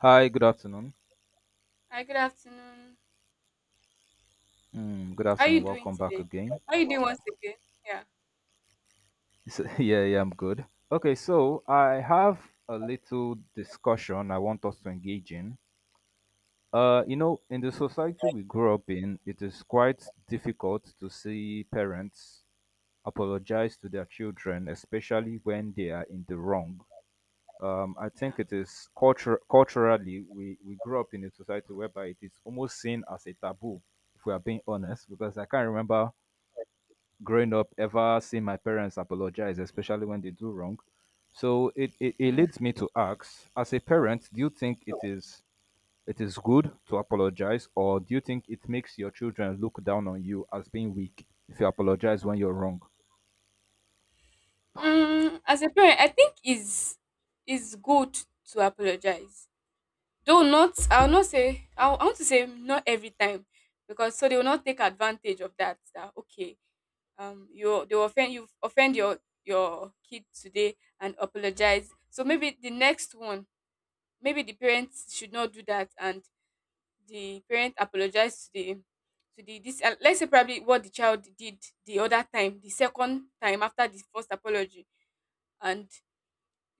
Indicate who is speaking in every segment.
Speaker 1: Hi, good afternoon.
Speaker 2: Hi, good afternoon.
Speaker 1: Mm, good
Speaker 2: How are
Speaker 1: afternoon.
Speaker 2: you doing
Speaker 1: Welcome back
Speaker 2: today?
Speaker 1: again.
Speaker 2: How are you doing once again? Yeah,
Speaker 1: So, yeah, yeah, I'm good. Okay, so I have a little discussion I want us to engage in. In the society we grew up in, it is quite difficult to see parents apologize to their children, especially when they are in the wrong. I
Speaker 2: yeah.
Speaker 1: think it is culture culturally we grew up in a society whereby it is almost seen as a taboo, if we are being honest, because I can't remember growing up ever seen my parents apologize, especially when they do wrong. So it
Speaker 2: Mm.
Speaker 1: leads me to ask, as a parent, do you think it is good to apologize, or do you think it makes your children look down on you as being weak if you apologize when you're wrong?
Speaker 2: Mm, as a parent, I think is good to apologize. Though not, I'll not say. I want to say not every time, because so they will not take advantage of that. That okay, you they will offend your kid today and apologize. So maybe the next one, maybe the parents should not do that and the parent apologized to the this let's say probably what the child did the other time, the second time after the first apology, and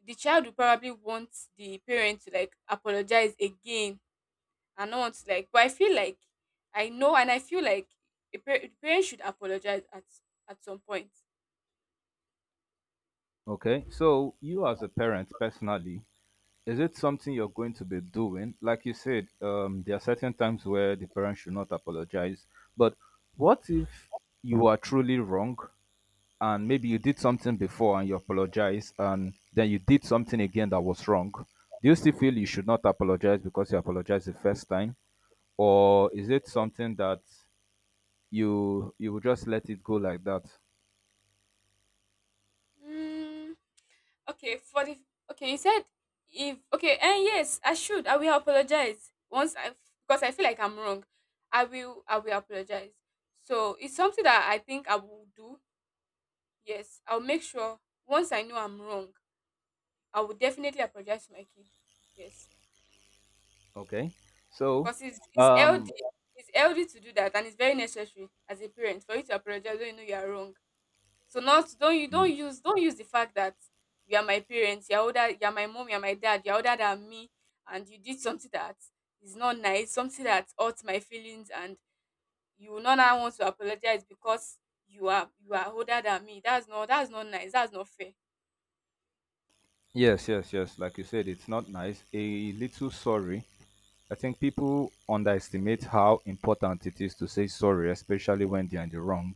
Speaker 2: the child will probably want the parent to like apologize again and not want to, like, but I feel like I know, and I feel like the parent should apologize at some point.
Speaker 1: Okay. So you as a parent personally, is it something you're going to be doing? Like you said, there are certain times where the parent should not apologize. But what if you are truly wrong and maybe you did something before and you apologize and then you did something again that was wrong, do you still feel you should not apologize because you apologized the first time, or is it something that you will just let it go like that?
Speaker 2: Mm. Okay, you said if okay, and yes, I should. I will apologize once I, because I feel like I'm wrong. I will apologize. So it's something that I think I will do. Yes, I'll make sure once I know I'm wrong, I will definitely apologize to my kid. Yes,
Speaker 1: Okay. So
Speaker 2: because it's
Speaker 1: um
Speaker 2: healthy. It's healthy to do that, and it's very necessary as a parent for you to apologize when you know you are wrong. So not don't you
Speaker 1: mm,
Speaker 2: don't use the fact that you are my parents, you're older, you're my mom, you're my dad, you're older than me, and you did something that is not nice, something that hurts my feelings, and you will not now want to apologize because you are older than me. That's not nice. That's not fair.
Speaker 1: yes, yes, yes, like you said, it's not nice. A little sorry, I think people underestimate how important it is to say sorry, especially when they're in the wrong.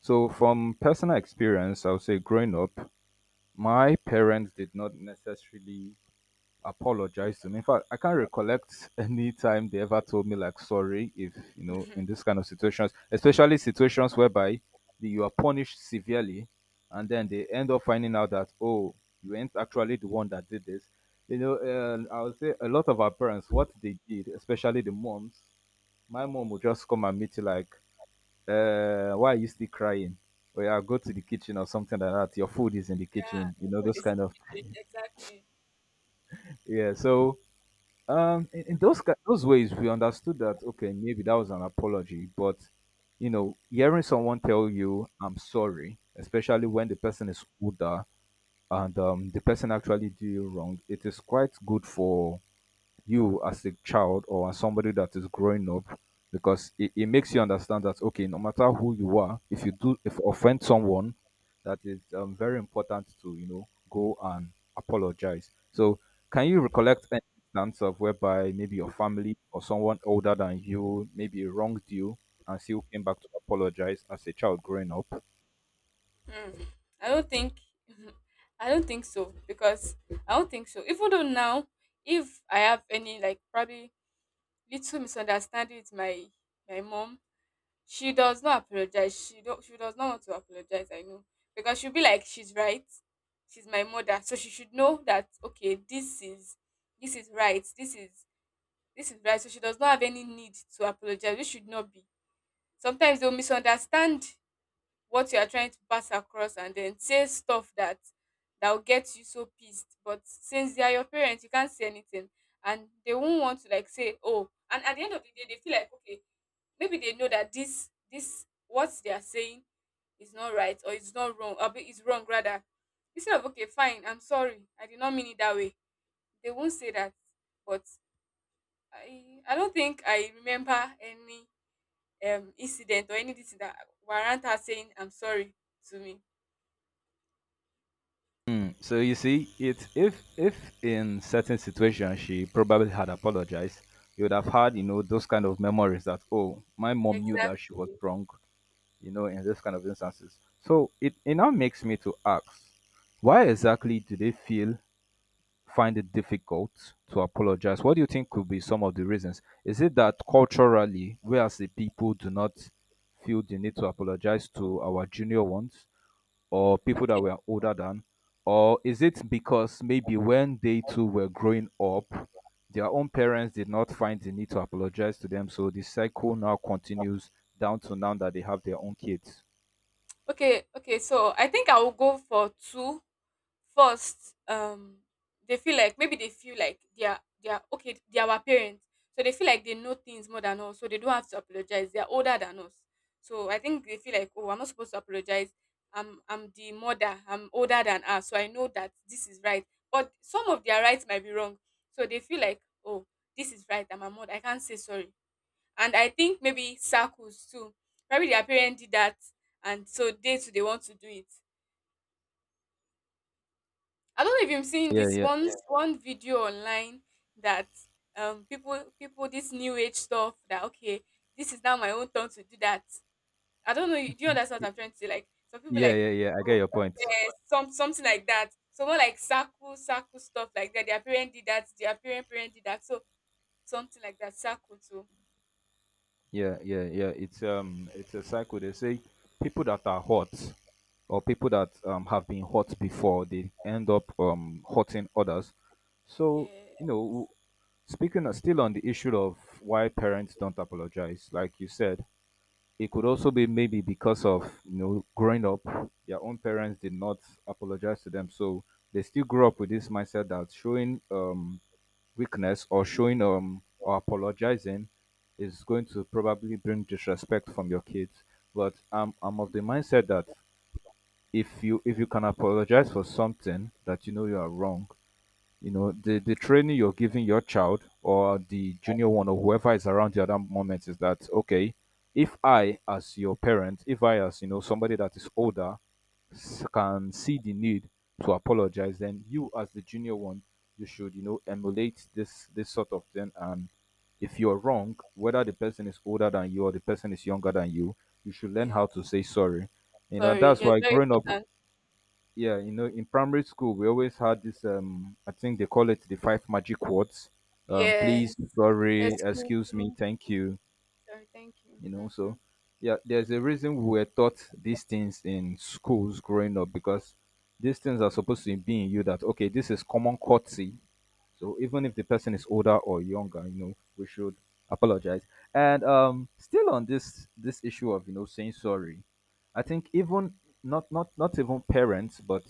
Speaker 1: So from personal experience, I would say growing up, my parents did not necessarily apologize to me. In fact, I can't recollect any time they ever told me like sorry, if
Speaker 2: Yeah,
Speaker 1: in this kind of situations, especially situations whereby you are punished severely, and then they end up finding out that, oh, you ain't actually the one that did this. You know, I would say a lot of our parents what they did, especially the moms. My mom would just come and meet you like, why are you still crying? Or yeah, go to the kitchen or something like that. Your food is in the kitchen, you
Speaker 2: your
Speaker 1: know,
Speaker 2: food
Speaker 1: those
Speaker 2: is in
Speaker 1: kind
Speaker 2: the
Speaker 1: of...
Speaker 2: kitchen. Exactly.
Speaker 1: Yeah. So in those those ways, we understood that, okay, maybe that was an apology, but you know, hearing someone tell you "I'm sorry," especially when the person is older and the person actually did you wrong, it is quite good for you as a child or as somebody that is growing up, because it makes you understand that, okay, no matter who you are, if you do, if you offend someone that is very important, to go and apologize. So, can you recollect an instance of whereby maybe your family or someone older than you maybe wronged you and still came back to apologize as a child growing up?
Speaker 2: Mm, I don't think. I don't think so, because I don't think so. Even though now, if I have any like probably little misunderstanding with my my mom, she does not apologize. She does not want to apologize. I know, because she'll be like she's right. She's my mother, so she should know that okay, this is right. This is right. So she does not have any need to apologize. We should not be. Sometimes they'll misunderstand what you are trying to pass across and then say stuff that will get you so pissed. But since they are your parents, you can't say anything. And they won't want to like say, oh, and at the end of the day, they feel like okay, maybe they know that this what they are saying is not right or it's not wrong, or it's wrong rather. Instead of okay, fine, I'm sorry, I did not mean it that way. They won't say that. But I don't think I remember any incident or anything that warrant her saying I'm sorry to me.
Speaker 1: So you see, it if in certain situations she probably had apologized, you would have had, you know, those kind of memories that, oh, my mom knew that she was
Speaker 2: Exactly.
Speaker 1: wrong, you know, in those kind of instances. So it now makes me to ask, why exactly do they feel find it difficult to apologize? What do you think could be some of the reasons? Is it that culturally we as the people do not feel the need to apologize to our junior ones, or people that
Speaker 2: Okay.
Speaker 1: were older than? Or is it because maybe when they too were growing up, their own parents did not find the need to apologize to them, so the cycle now continues down to now that they have their own kids?
Speaker 2: Okay. Okay, so I think I will go for two first. They feel like, maybe they feel like they are okay. They are our parents, so they feel like they know things more than us, so they don't have to apologize. They are older than us, so I think they feel like, oh, I'm not supposed to apologize. I'm the mother. I'm older than her, so I know that this is right. But some of their rights might be wrong, so they feel like, oh, this is right. I'm a mother. I can't say sorry. And I think maybe circles too. Probably their parents did that, and so they too they want to do it. I don't know if you've seen
Speaker 1: Yeah,
Speaker 2: this
Speaker 1: yeah.
Speaker 2: one. Yeah. One video online that people this new age stuff that okay, this is now my own turn to do that. I don't know. Do you understand
Speaker 1: Y-
Speaker 2: what I'm trying to say? Like some people
Speaker 1: yeah,
Speaker 2: like,
Speaker 1: yeah, yeah, I get
Speaker 2: oh,
Speaker 1: your point.
Speaker 2: some something like that. So more like circle circle stuff like that. Their parent did that. Their parent did that. So something like that. Circle too.
Speaker 1: Yeah, yeah, yeah. It's a cycle. They say people that are hot or people that have been hurt before, they end up hurting others. So, you
Speaker 2: Yeah.
Speaker 1: know, speaking of, still on the issue of why parents don't apologize, like you said, it could also be maybe because of, you know, growing up their own parents did not apologize to them, so they still grew up with this mindset that showing weakness or showing or apologizing is going to probably bring disrespect from your kids. But I'm of the mindset that if you can apologize for something that you know you are wrong, you know, the training you're giving your child or the junior one or whoever is around you at that moment is that, okay, if I as your parent, if I as, you know, somebody that is older can see the need to apologize, then you as the junior one, you should, you know, emulate this sort of thing, and if you're wrong, whether the person is older than you or the person is younger than you, you should learn how to
Speaker 2: Yes.
Speaker 1: say sorry. You know, and
Speaker 2: Sorry.
Speaker 1: that's
Speaker 2: Yes.
Speaker 1: why
Speaker 2: Very
Speaker 1: growing up,
Speaker 2: important.
Speaker 1: yeah, you know, in primary school, we always had this. I think they call it the five magic words.
Speaker 2: Yes.
Speaker 1: Please, sorry,
Speaker 2: Excuse
Speaker 1: excuse me,
Speaker 2: me.
Speaker 1: thank you.
Speaker 2: Sorry. Thank you.
Speaker 1: You know,
Speaker 2: Hmm.
Speaker 1: so yeah, there's a reason we were taught these things in schools growing up, because these things are supposed to be in you that, okay, this is common courtesy. So even if the person is older or younger, you know, we should apologize. And still on this issue of, saying sorry, I think even not even parents, but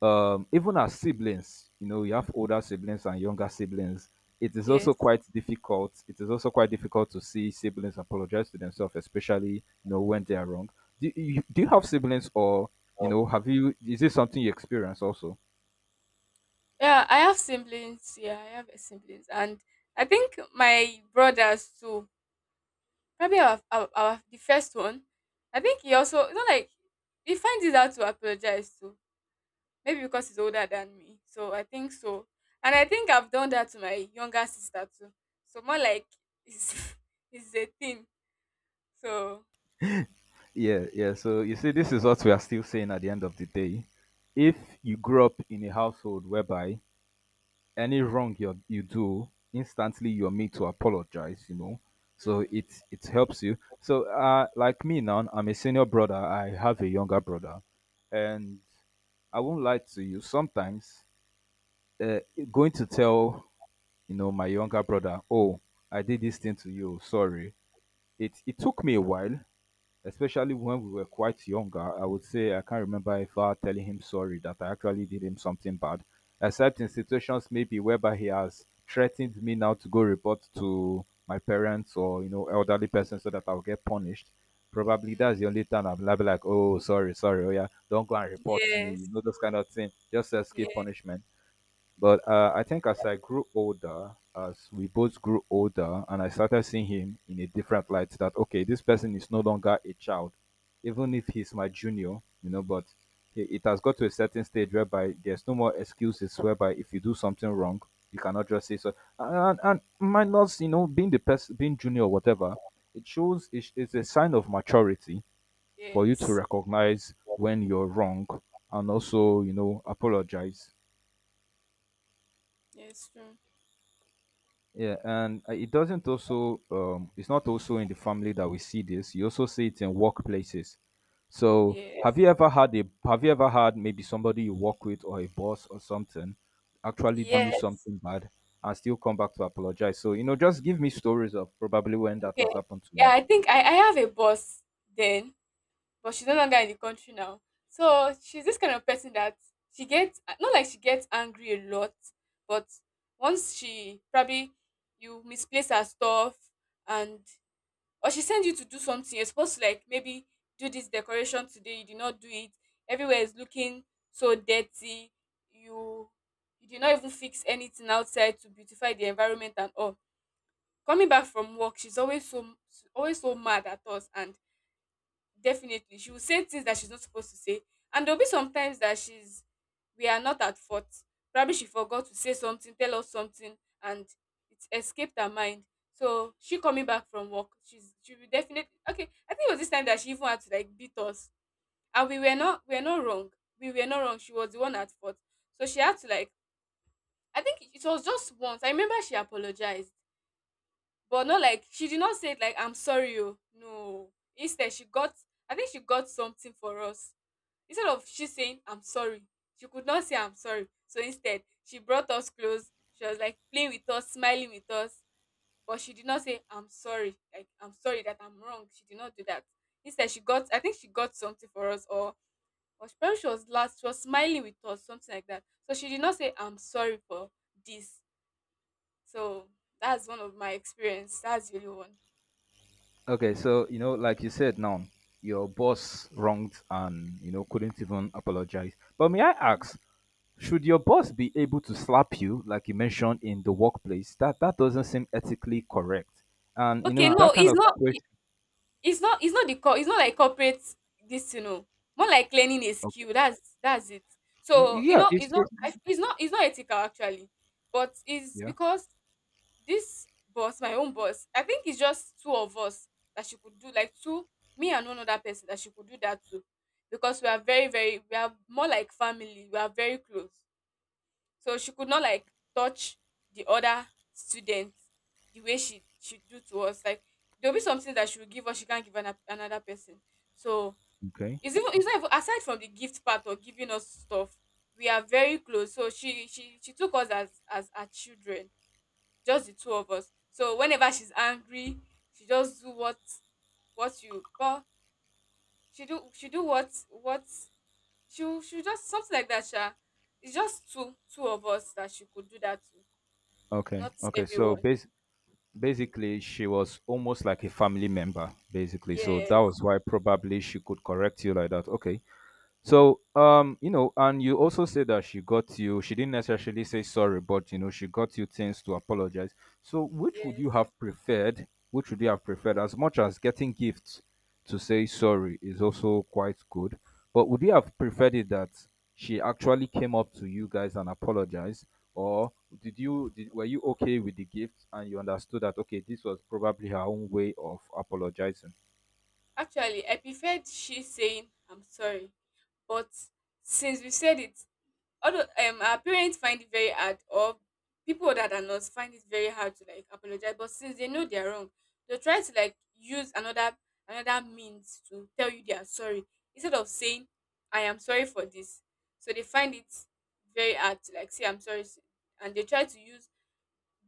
Speaker 1: even as siblings, you know, you have older siblings and younger siblings. It is also
Speaker 2: Yes.
Speaker 1: quite difficult, to see siblings apologize to themselves, especially, you know, when they are wrong. Do you have siblings, or, you know, have you is this something you experience also?
Speaker 2: Yeah, I have siblings. Yeah, I have siblings, and I think my brothers too. Probably our the first one. I think he also, you know, like he finds it hard to apologize to. Maybe because he's older than me. So I think so, and I think I've done that to my younger sister too. So more like it's it's a thing. So
Speaker 1: Yeah, yeah. So you see, this is what we are still saying. At the end of the day, if you grew up in a household whereby any wrong you do, instantly you're made to apologize, you know. So
Speaker 2: mm,
Speaker 1: it helps you. So like me now, I'm a senior brother. I have a younger brother, and I won't lie to you. Sometimes, uh, going to tell, my younger brother, oh, I did this thing to you. Sorry. It took me a while, especially when we were quite younger. I would say I can't remember if I telling him sorry that I actually did him something bad, except in situations maybe whereby he has threatened me now to go report to my parents or, elderly person so that I'll get punished. Probably
Speaker 2: mm,
Speaker 1: that's the only time I'm like, oh, sorry, sorry, oh yeah, don't go and report me, you
Speaker 2: yes,
Speaker 1: know, those kind of thing, just
Speaker 2: yeah,
Speaker 1: escape punishment. But I think as I grew older, as we both grew older, and I started seeing him in a different light that, okay, this person is no longer a child, even if he's my junior, you know, but it has got to a certain stage whereby there's no more excuses, whereby if you do something wrong, you cannot just say so. And minus, you know, being the person, being junior or whatever, it's a sign of maturity for you to
Speaker 2: yes.
Speaker 1: recognize when you're wrong, and also, you know, apologize.
Speaker 2: Yes, true.
Speaker 1: Yeah, and it's not also in the family that we see this. You also see it in workplaces. So
Speaker 2: Yes.
Speaker 1: have you ever had maybe somebody you work with or a boss or something actually do you
Speaker 2: Yes.
Speaker 1: something bad and still come back to apologize? So, you know, just give me stories of probably when that
Speaker 2: Okay.
Speaker 1: has happened to you.
Speaker 2: Yeah, I think I have a boss then, but she's no longer in the country now. So she's this kind of person that she gets not like she gets angry a lot, but once she probably you misplace her stuff, and or she sends you to do something, you're supposed to like maybe do this decoration today, you did not do it. Everywhere is looking so dirty. You you did not even fix anything outside to beautify the environment and all. Coming back from work, she's always so mad at us, and definitely she will say things that she's not supposed to say. And there'll be some times that she's we are not at fault. Probably she forgot to say something, tell us something, and it escaped her mind. So she coming back from work, she will definitely, okay. I think it was this time that she even had to like beat us, and we were not wrong. We were not wrong. She was the one at fault, so she had to like, I think it was just once. I remember she apologized, but not like she did not say it like I'm sorry, oh no. Instead she got, I think she got something for us. Instead of she saying I'm sorry, she could not say I'm sorry. So instead she brought us close, she was like playing with us, smiling with us, but she did not say I'm sorry, like I'm sorry that I'm wrong. She did not do that. Instead she got, I think she got something for us, or she probably she was last, she was smiling with us, something like that. So she did not say I'm sorry for this. So that's one of my experience, that's really one.
Speaker 1: Okay, so, like you said now, your boss wronged and couldn't even apologize. But may I ask, should your boss be able to slap you, like you mentioned, in the workplace? That that doesn't seem ethically correct. And you know,
Speaker 2: Okay,
Speaker 1: in
Speaker 2: no,
Speaker 1: that kind
Speaker 2: it's
Speaker 1: of
Speaker 2: not.
Speaker 1: situation,
Speaker 2: It's not. It's not like corporate. This, you know, more like learning a
Speaker 1: okay.
Speaker 2: skill. That's it. So, you
Speaker 1: Yeah,
Speaker 2: know, it's not.
Speaker 1: it's
Speaker 2: It's not. It's not ethical actually, but it's
Speaker 1: yeah,
Speaker 2: because this boss, my own boss, I think it's just two of us that she could do. Like two, me and one other person that she could do that to, because we are very, very, We are more like family. We are very close, so she could not like touch the other students the way she do to us. Like there'll be something that she will give us, she can't give another person. So
Speaker 1: okay,
Speaker 2: it's even, it's not even aside from the gift part or giving us stuff. We are very close, so she took us as her children, just the two of us. So whenever she's angry, she just do what you call she do what she just something like that, sha. It's just two of us that she could do that to.
Speaker 1: okay,
Speaker 2: Not
Speaker 1: okay. So
Speaker 2: everyone.
Speaker 1: basically, she was almost like a family member, basically. So
Speaker 2: Yes,
Speaker 1: that was why probably she could correct you like that. Okay, so, you know, and you also say that she got you, she didn't necessarily say sorry, but you know, she got you things to apologize. So, which would
Speaker 2: yes.
Speaker 1: you have preferred? Which would you have preferred? As much as getting gifts to say sorry is also quite good, but would you have preferred it that she actually came up to you guys and apologized? Or did you did, were you okay with the gifts and you understood that, okay, this was probably her own way of apologizing?
Speaker 2: Actually, I preferred she saying I'm sorry, but since we said it, although our parents find it very hard, or people that are not find it very hard to like apologize. But since they know they're wrong, they try to like use another another means to tell you they are sorry, instead of saying I am sorry for this. So they find it very hard to like say I'm sorry, and they try to use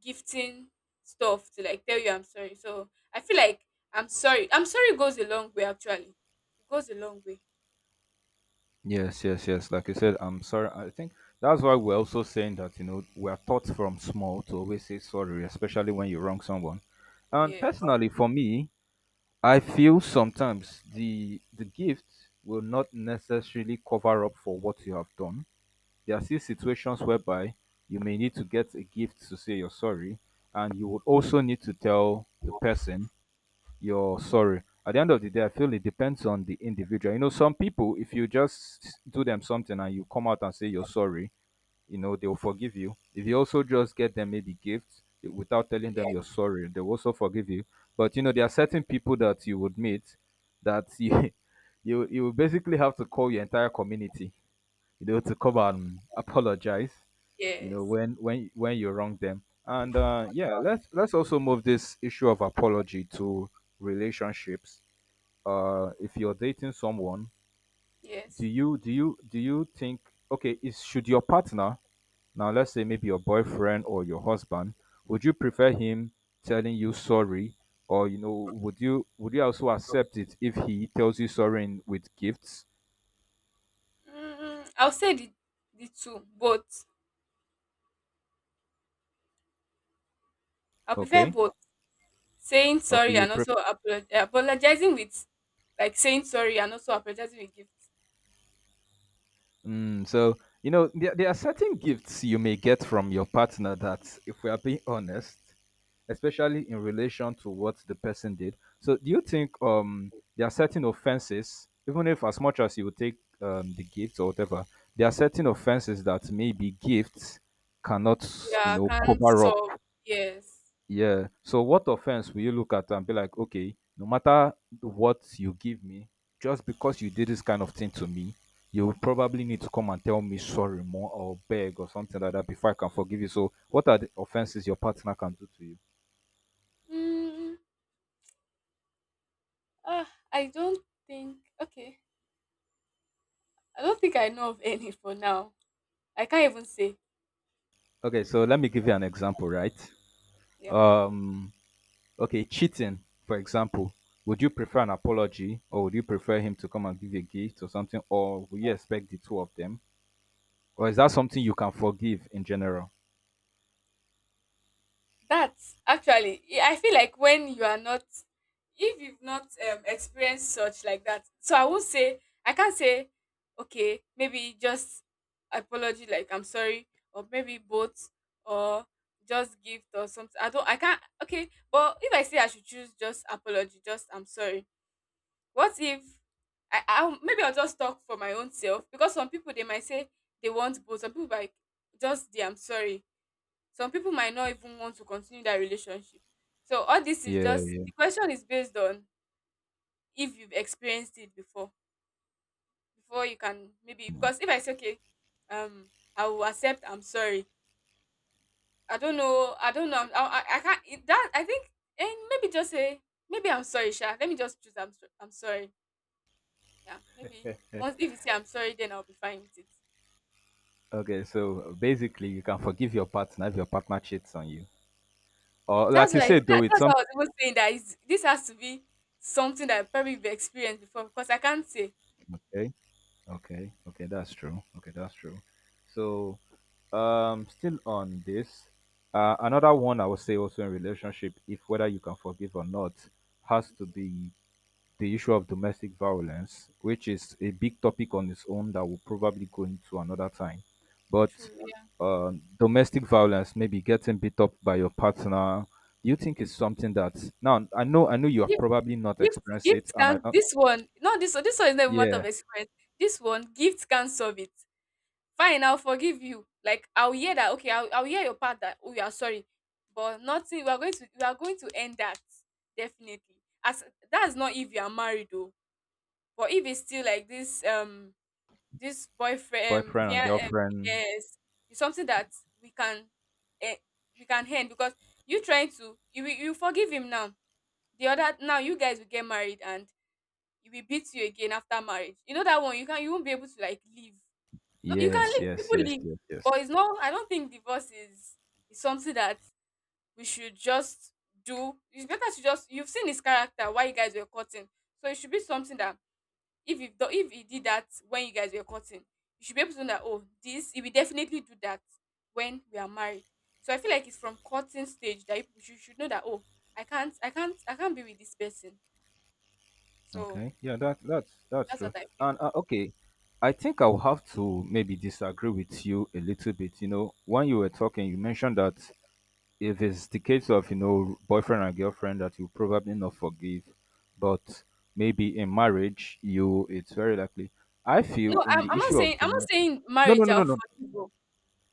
Speaker 2: gifting stuff to like tell you I'm sorry. So I feel like I'm sorry. I'm sorry goes a long way actually. It goes a long way.
Speaker 1: Yes, yes, yes. Like I said, I'm sorry. I think that's why we're also saying that, you know, we're taught from small to always say sorry, especially when you wrong someone. And
Speaker 2: Yes.
Speaker 1: personally, for me, I feel sometimes the gift will not necessarily cover up for what you have done. There are still
Speaker 2: Mm,
Speaker 1: situations whereby you may need to get a gift to say you're sorry, and you would also need to tell the person your sorry. At the end of the day, I feel it depends on the individual. You know, some people, if you just do them something and you come out and say you're sorry, they'll forgive you. If you also just get them maybe gifts eh, without telling them
Speaker 2: yes.
Speaker 1: you're sorry, they'll also forgive you. But you know, there are certain people that you would meet that you will basically have to call your entire community to come and apologize, you know,
Speaker 2: Yes.
Speaker 1: when you wrong them. And yeah, let's also move this issue of apology to relationships. If you're dating someone, do
Speaker 2: Yes.
Speaker 1: you think okay, is should your partner now let's say maybe your boyfriend or your husband, would you prefer him telling you sorry or you know, would you also accept it if he tells you sorry with gifts?
Speaker 2: Mm, I'll say the two, but I prefer
Speaker 1: Okay.
Speaker 2: both saying
Speaker 1: Okay,
Speaker 2: sorry
Speaker 1: you
Speaker 2: and
Speaker 1: prefer.
Speaker 2: also apologizing with, like saying sorry and also apologizing with gifts.
Speaker 1: So, you know, there are certain gifts you may get from your partner that, if we are being honest, especially in relation to what the person did. So, do you think there are certain offenses, even if as much as you would take the gift or whatever, there are certain offenses that maybe gifts cannot, you
Speaker 2: Yeah,
Speaker 1: know,
Speaker 2: can't
Speaker 1: cover up?
Speaker 2: solve. Yes.
Speaker 1: Yeah. So what offense will you look at and be like, okay, no matter what you give me, just because you did this kind of thing to me, you will probably need to come and tell me sorry more or beg or something like that before I can forgive you. So what are the offenses your partner can do to you?
Speaker 2: Mm, ah, I don't think. Okay, I don't think I know of any for now. I can't even say.
Speaker 1: Okay, so let me give you an example, right?
Speaker 2: Yeah,
Speaker 1: Um okay, cheating, for example. Would you prefer an apology or would you prefer him to come and give you a gift or something? Or would you expect the two of them? Or is that something you can forgive in general?
Speaker 2: that's actually I feel like when you are not, if you've not experienced such like that, so I would say I can't say. Okay, maybe just apology, like I'm sorry, or maybe both, or just gift or something. I don't, I can't. Okay, but if I say I should choose, just apology, just I'm sorry. What if maybe I'll just talk for my own self, because some people, they might say they want both. Some people like just the I'm sorry. Some people might not even want to continue that relationship. So all this is just,
Speaker 1: Yeah.
Speaker 2: the question is based on if you've experienced it before, before you can, maybe. Because if I say okay, um I will accept I'm sorry. I don't know, I don't know, I can't, it, that I think. And maybe just say, maybe I'm sorry sha, let me just choose I'm sorry. Yeah, maybe once, if you say I'm sorry, then I'll be fine with it.
Speaker 1: Okay, so basically, you can forgive your partner if your partner cheats on you, or like
Speaker 2: That's
Speaker 1: you
Speaker 2: why
Speaker 1: said, though,
Speaker 2: that,
Speaker 1: it's
Speaker 2: that's
Speaker 1: something.
Speaker 2: what I was even saying, that is, this has to be something that probably you've experienced before, because I can't say.
Speaker 1: Okay, okay, okay, that's true. Okay, that's true. So, still on this, another one I would say also in relationship, if whether you can forgive or not, has to
Speaker 2: Okay.
Speaker 1: be the issue of domestic violence, which is a big topic on its own that will probably go into another time. But
Speaker 2: True.
Speaker 1: domestic violence, maybe getting beat up by your partner, do you think it's something that now I know you have
Speaker 2: Gift,
Speaker 1: probably not experienced it,
Speaker 2: gift
Speaker 1: and I
Speaker 2: can
Speaker 1: don't.
Speaker 2: this one. No, this one is never matter
Speaker 1: Yeah,
Speaker 2: of experience. This one, gift can solve it. Fine, I'll forgive you. Like I'll hear that. Okay, I'll hear your part that, oh, you are sorry, but nothing. We are going to end that definitely. As, that's not if you are married though, but if it's still like this, this boyfriend,
Speaker 1: boyfriend and girlfriend.
Speaker 2: yes, it's something that we can, eh, we can end. Because you trying to, you forgive him now. The other now, you guys will get married and he will beat you again after marriage. You know that one. You won't be able to like leave. No, you can
Speaker 1: Yes,
Speaker 2: leave.
Speaker 1: yes, yes,
Speaker 2: People leave,
Speaker 1: yes, yes.
Speaker 2: but it's not. I don't think divorce is something that we should just do. It's better to just, you've seen his character while you guys were cutting, so it should be something that if he did that when you guys were cutting, you should be able to know that, oh, this, he will definitely do that when we are married. So I feel like it's from cutting stage that you should know that, oh, I can't be with this person. So
Speaker 1: Okay, yeah, that's
Speaker 2: that's
Speaker 1: true.
Speaker 2: what I feel.
Speaker 1: And okay, I think I'll have to maybe disagree with you a little bit. You know, when you were talking, you mentioned that if it's the case of you know boyfriend and girlfriend that you probably not forgive but maybe in marriage you it's very likely. I feel
Speaker 2: No,
Speaker 1: in the
Speaker 2: I'm not
Speaker 1: issue of
Speaker 2: saying, I'm not
Speaker 1: domain.
Speaker 2: saying
Speaker 1: No no
Speaker 2: marriage
Speaker 1: no no
Speaker 2: are
Speaker 1: no.
Speaker 2: for people,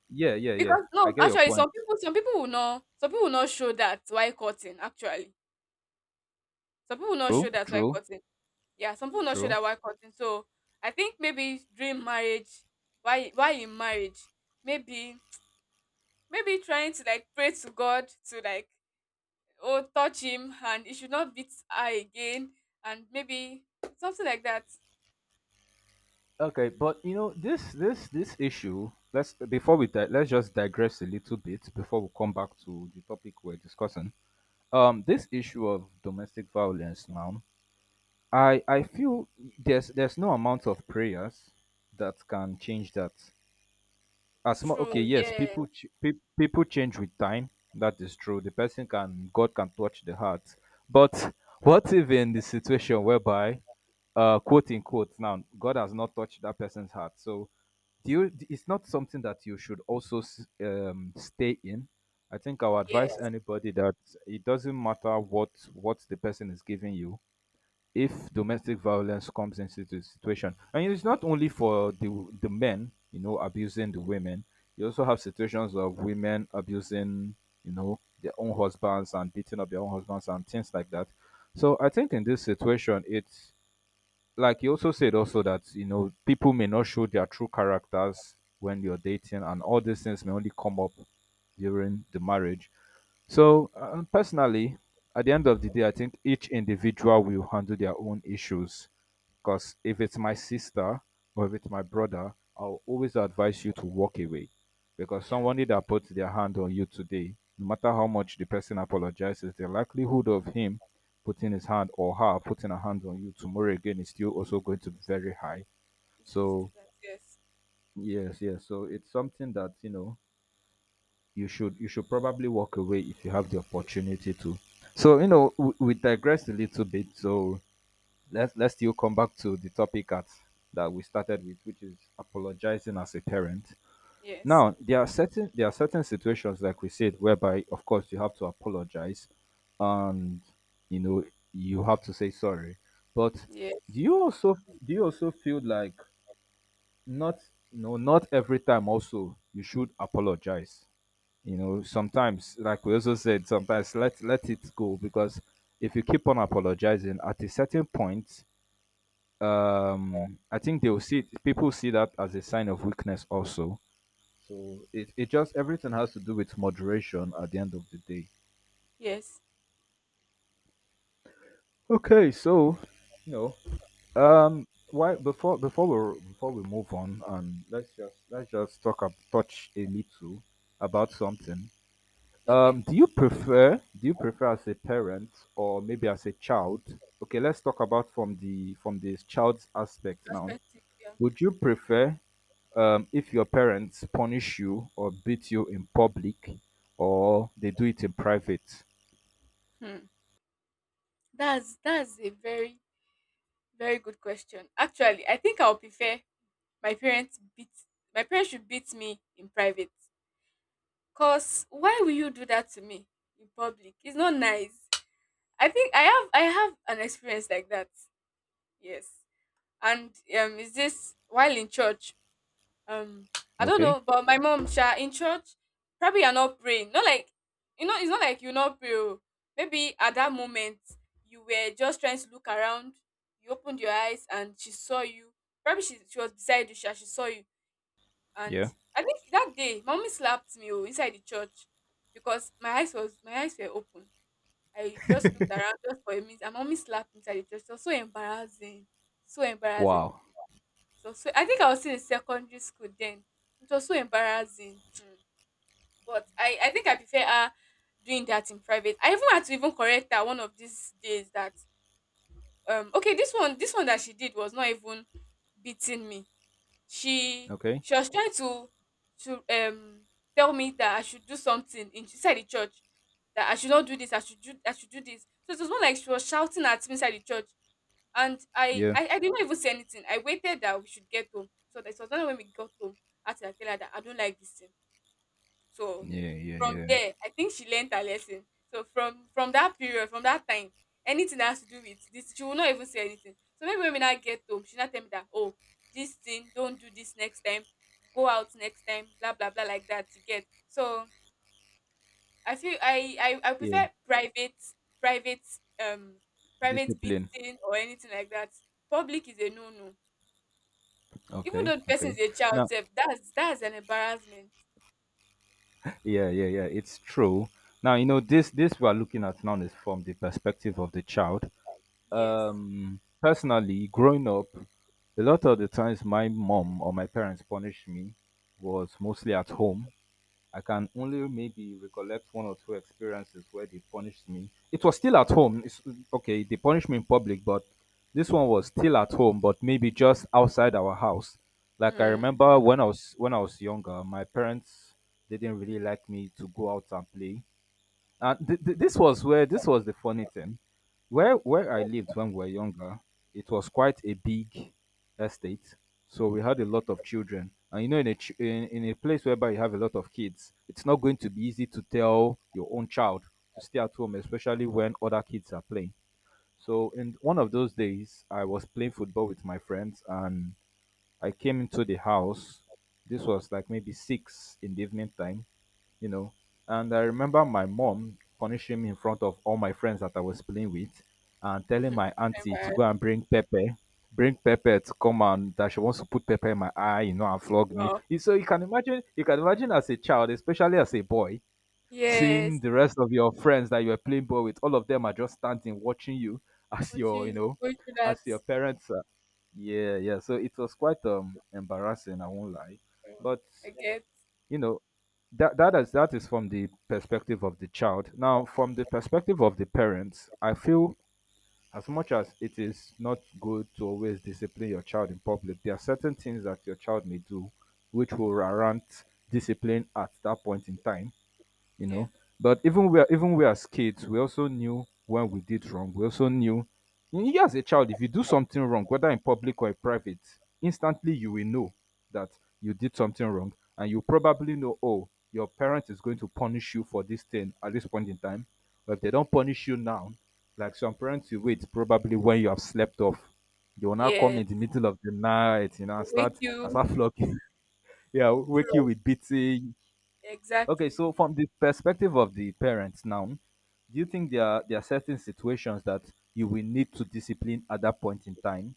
Speaker 1: Yeah yeah yeah.
Speaker 2: because
Speaker 1: I
Speaker 2: no,
Speaker 1: get your
Speaker 2: actually,
Speaker 1: point.
Speaker 2: some people will not, some people will not show that why cutting actually. Some people will not
Speaker 1: True,
Speaker 2: show that why
Speaker 1: true,
Speaker 2: cutting. Yeah, some people will not show
Speaker 1: true.
Speaker 2: that why cutting. So I think maybe during marriage, why in marriage, maybe, maybe trying to like pray to God to like, oh, touch him and he should not beat her again, and maybe something like that.
Speaker 1: Okay, but you know this issue, let's before we di- let's just digress a little bit before we come back to the topic we're discussing. This issue of domestic violence now, I feel there's no amount of prayers that can change that. As much okay,
Speaker 2: True.
Speaker 1: yes,
Speaker 2: Yeah.
Speaker 1: people change with time. That is true. The person can God can touch the heart, but what if in the situation whereby, quote unquote, now God has not touched that person's heart, so do you it's not something that you should also stay in. I think I would advise
Speaker 2: Yes.
Speaker 1: anybody that it doesn't matter what the person is giving you if domestic violence comes into the situation, and it's not only for the men you know abusing the women, you also have situations of women abusing you know their own husbands and beating up their own husbands and things like that. So I think in this situation it's like you also said also that you know people may not show their true characters when you're dating, and all these things may only come up during the marriage. So, personally, at the end of the day, I think each individual will handle their own issues. Because if it's my sister or if it's my brother, I'll always advise you to walk away. Because
Speaker 2: Yeah.
Speaker 1: somebody that puts their hand on you today, no matter how much the person apologizes, the likelihood of him putting his hand or her putting a hand on you tomorrow again is still also going to be very high.
Speaker 2: He's going to do
Speaker 1: So,
Speaker 2: that. Yes.
Speaker 1: yes, yes. So, it's something that, you know, you should probably walk away if you have the opportunity to. So you know we digressed a little bit. So let's still come back to the topic that we started with, which is apologizing as a parent.
Speaker 2: Yes.
Speaker 1: Now there are certain situations like we said whereby of course you have to apologize, and you know you have to say sorry. But
Speaker 2: Yeah.
Speaker 1: do you also do you also feel like not no not every time also you should apologize? You know sometimes like we also said sometimes let it go, because if you keep on apologizing at a certain point, I think they will see it, people see that as a sign of weakness also. So it just everything has to do with moderation at the end of the day.
Speaker 2: Yes.
Speaker 1: Okay so, you know, why before before we move on, and let's just talk up touch a little about something.
Speaker 2: Okay.
Speaker 1: Do you prefer as a parent or maybe as a child? Okay, let's talk about from the from this child's aspect now.
Speaker 2: Perspective. Yeah.
Speaker 1: Would you prefer if your parents punish you or beat you in public or they do it in private?
Speaker 2: Hmm. That's a very, very good question. Actually, I think I'll prefer my parents beat my parents should beat me in private. Cause why will you do that to me in public? It's not nice. I think I have an experience like that. Yes. And is this while in church? um I don't
Speaker 1: Okay.
Speaker 2: know, but my mom sha in church, probably you're not praying, not like, you know, it's not like you not pray oh. Maybe at that moment you were just trying to look around, you opened your eyes and she saw you, probably she was beside you sha, she saw you. And
Speaker 1: Yeah.
Speaker 2: I think that day mommy slapped me oh, inside the church, because my eyes were open. I just looked around just for a minute and mommy slapped me inside the church. It was so embarrassing, so embarrassing.
Speaker 1: Wow.
Speaker 2: So, so I think I was still in secondary school then. It was so embarrassing. But I think I prefer her doing that in private. I even had to even correct her one of these days that, okay, this one that she did was not even beating me. She
Speaker 1: Okay.
Speaker 2: she was trying to tell me that I should do something in inside the church. That I should not do this, I should do this. So it was more like she was shouting at me inside the church, and
Speaker 1: Yeah.
Speaker 2: I didn't even say anything. I waited that we should get home. So that it was only when we got home, I had to like tell her that I don't like this thing. So
Speaker 1: Yeah. Yeah.
Speaker 2: from
Speaker 1: Yeah.
Speaker 2: there, I think she learned her lesson. So from that period, from that time, anything that has to do with this, she will not even say anything. So maybe when we now get home, she now tell me that, oh, this thing, don't do this next time, go out next time, blah blah blah like that. You get. So I feel I
Speaker 1: Yeah.
Speaker 2: prefer private, private, um private
Speaker 1: Discipline.
Speaker 2: beating or anything like that. Public is a no no. Even
Speaker 1: Okay.
Speaker 2: though the person
Speaker 1: Okay.
Speaker 2: is a child
Speaker 1: Now.
Speaker 2: self, that's an embarrassment.
Speaker 1: Yeah. Yeah. Yeah. It's true. Now you know this. This we are looking at now is from the perspective of the child.
Speaker 2: Yes.
Speaker 1: Personally, growing up, a lot of the times my mom or my parents punished me was mostly at home. I can
Speaker 2: Mm-hmm.
Speaker 1: only maybe recollect one or two experiences where they punished me. It was still at home. Okay, they punished me in public, but this one was still at home, but maybe just outside our house. Like I
Speaker 2: Mm.
Speaker 1: remember when I was younger, my parents didn't really like me to go out and play, and this was where this was the funny thing. Where I lived when we were younger, it was quite a big estate, so we had a lot of children. And you know, in a place whereby you have a lot of kids, it's not going to be easy to tell your own child to stay at home, especially when other kids are playing. So in one of those days, I was playing football with my friends, and I came into the house. This was like maybe six in the evening time you know. And I remember my mom punishing me in front of all my friends that I was playing with and telling my auntie to
Speaker 2: Embarrassed.
Speaker 1: go and bring pepper to come and that she wants to put pepper in my eye, you know, and flog me.
Speaker 2: Wow.
Speaker 1: You- So you can imagine as a child, especially as a boy, seeing
Speaker 2: Yes.
Speaker 1: the rest of your friends that you were playing ball with, all of them are just standing watching you as your, you
Speaker 2: Watching you
Speaker 1: know,
Speaker 2: go through
Speaker 1: as
Speaker 2: that.
Speaker 1: your parents. Are, yeah, yeah. So it was quite embarrassing, I won't lie.
Speaker 2: um,
Speaker 1: But
Speaker 2: I get.
Speaker 1: you know that that is from the perspective of the child, now from the perspective of the parents I feel as much as it is not good to always discipline your child in public, there are certain things that your child may do which will warrant discipline at that point in time, you
Speaker 2: Yeah.
Speaker 1: know. But even we are, even we as kids, we also knew when we did wrong. We also knew you as a child, if you do something wrong, whether in public or in private, instantly you will know that you did something wrong, and you probably know, oh, your parent is going to punish you for this thing at this point in time. But if they don't punish you now, like some parents, you wait probably when you have slept off. They will now come in the
Speaker 2: Yes.
Speaker 1: middle of the night, you know,
Speaker 2: Wake
Speaker 1: and
Speaker 2: you
Speaker 1: start flogging. Yeah, wake you
Speaker 2: through.
Speaker 1: with beating. Okay, so
Speaker 2: Exactly.
Speaker 1: from the perspective of the parents now, do you think there are certain situations that you will need to discipline at that point in time?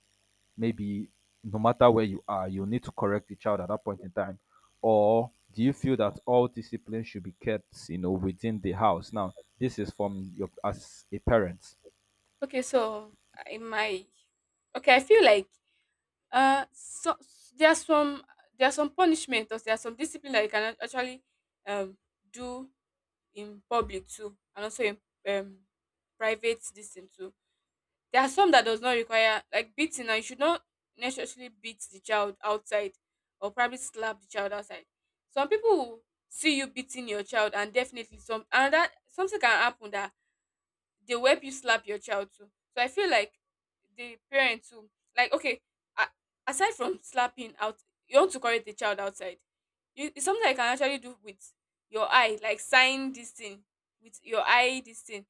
Speaker 1: Maybe no matter where you are, you need to correct the child at that point in time, or do you feel that all discipline should be kept, you know, within the house? Now, this is from your as a parent.
Speaker 2: Okay, so in my okay, I feel like, uh, so there's some, there's some punishment or there's some discipline that you can actually um do in public too, and also in um private this thing too. There are some that does not require like beating. Now you should not necessarily beat the child outside, or probably slap the child outside. Some people will see you beating your child, and definitely some, and that something can happen that they will help you slap your child too. So I feel like the parent too, like okay, aside from slapping out, you want to correct the child outside. You, it's something I can actually do with your eye, like sign this thing with your eye, this thing.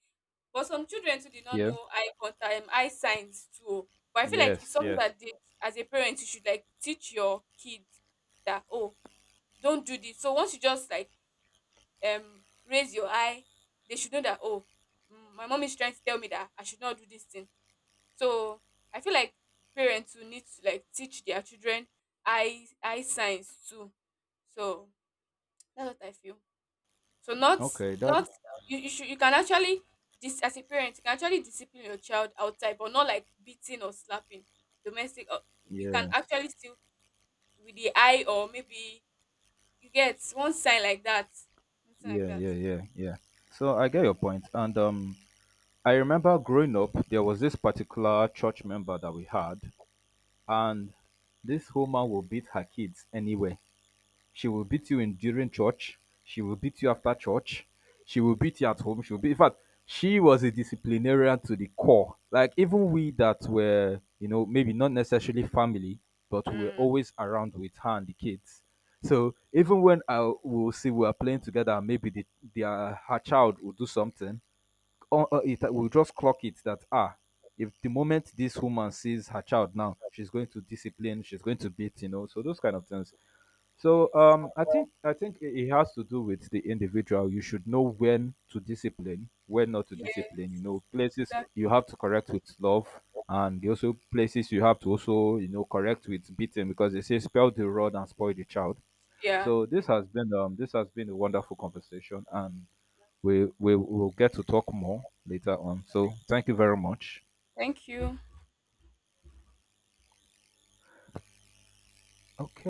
Speaker 2: But some children too did not
Speaker 1: Yeah.
Speaker 2: know eye contact, eye signs too, oh. But I feel like
Speaker 1: Yes.
Speaker 2: it's something
Speaker 1: Yes.
Speaker 2: that as a parent, you should like teach your kids that, oh, don't do this. So once you just like um raise your eye, they should know that, oh, mm, my mom is trying to tell me that I should not do this thing. So I feel like parents will need to like teach their children eye signs too. So that's what I feel. So
Speaker 1: Okay. That.
Speaker 2: not, you should, you can actually dis as a parent, you can actually discipline your child outside, but not like beating or slapping. Domestic, you can
Speaker 1: Yeah.
Speaker 2: actually still with the eye, or maybe you get one sign like that, something like
Speaker 1: Yeah.
Speaker 2: that.
Speaker 1: Yeah. Yeah. Yeah. So I get your point, and I remember growing up, there was this particular church member that we had, and this woman will beat her kids anywhere. She will beat you in during church. She will beat you after church. She will beat you at home. She will be. In fact, she was a disciplinarian to the core. Like even we that were, you know, maybe not necessarily family, but we were
Speaker 2: Mm.
Speaker 1: always around with her and the kids. So even when I will see we are playing together, maybe the her child will do something it will just clock it that ah if the moment this woman sees her child now she's going to discipline she's going to beat you know so those kind of things. So
Speaker 2: Yes.
Speaker 1: I think it it has to do with the individual. You should know when to discipline when not to
Speaker 2: Yeah.
Speaker 1: discipline, you know, places
Speaker 2: Exactly.
Speaker 1: you have to correct with love, and also places you have to also you know correct with beating, because they say spell the rod and spoil the child.
Speaker 2: Yeah.
Speaker 1: So
Speaker 2: Definitely.
Speaker 1: this has been a wonderful conversation, and we will get to talk more later on. So thank you very much.
Speaker 2: Thank you.
Speaker 1: Okay.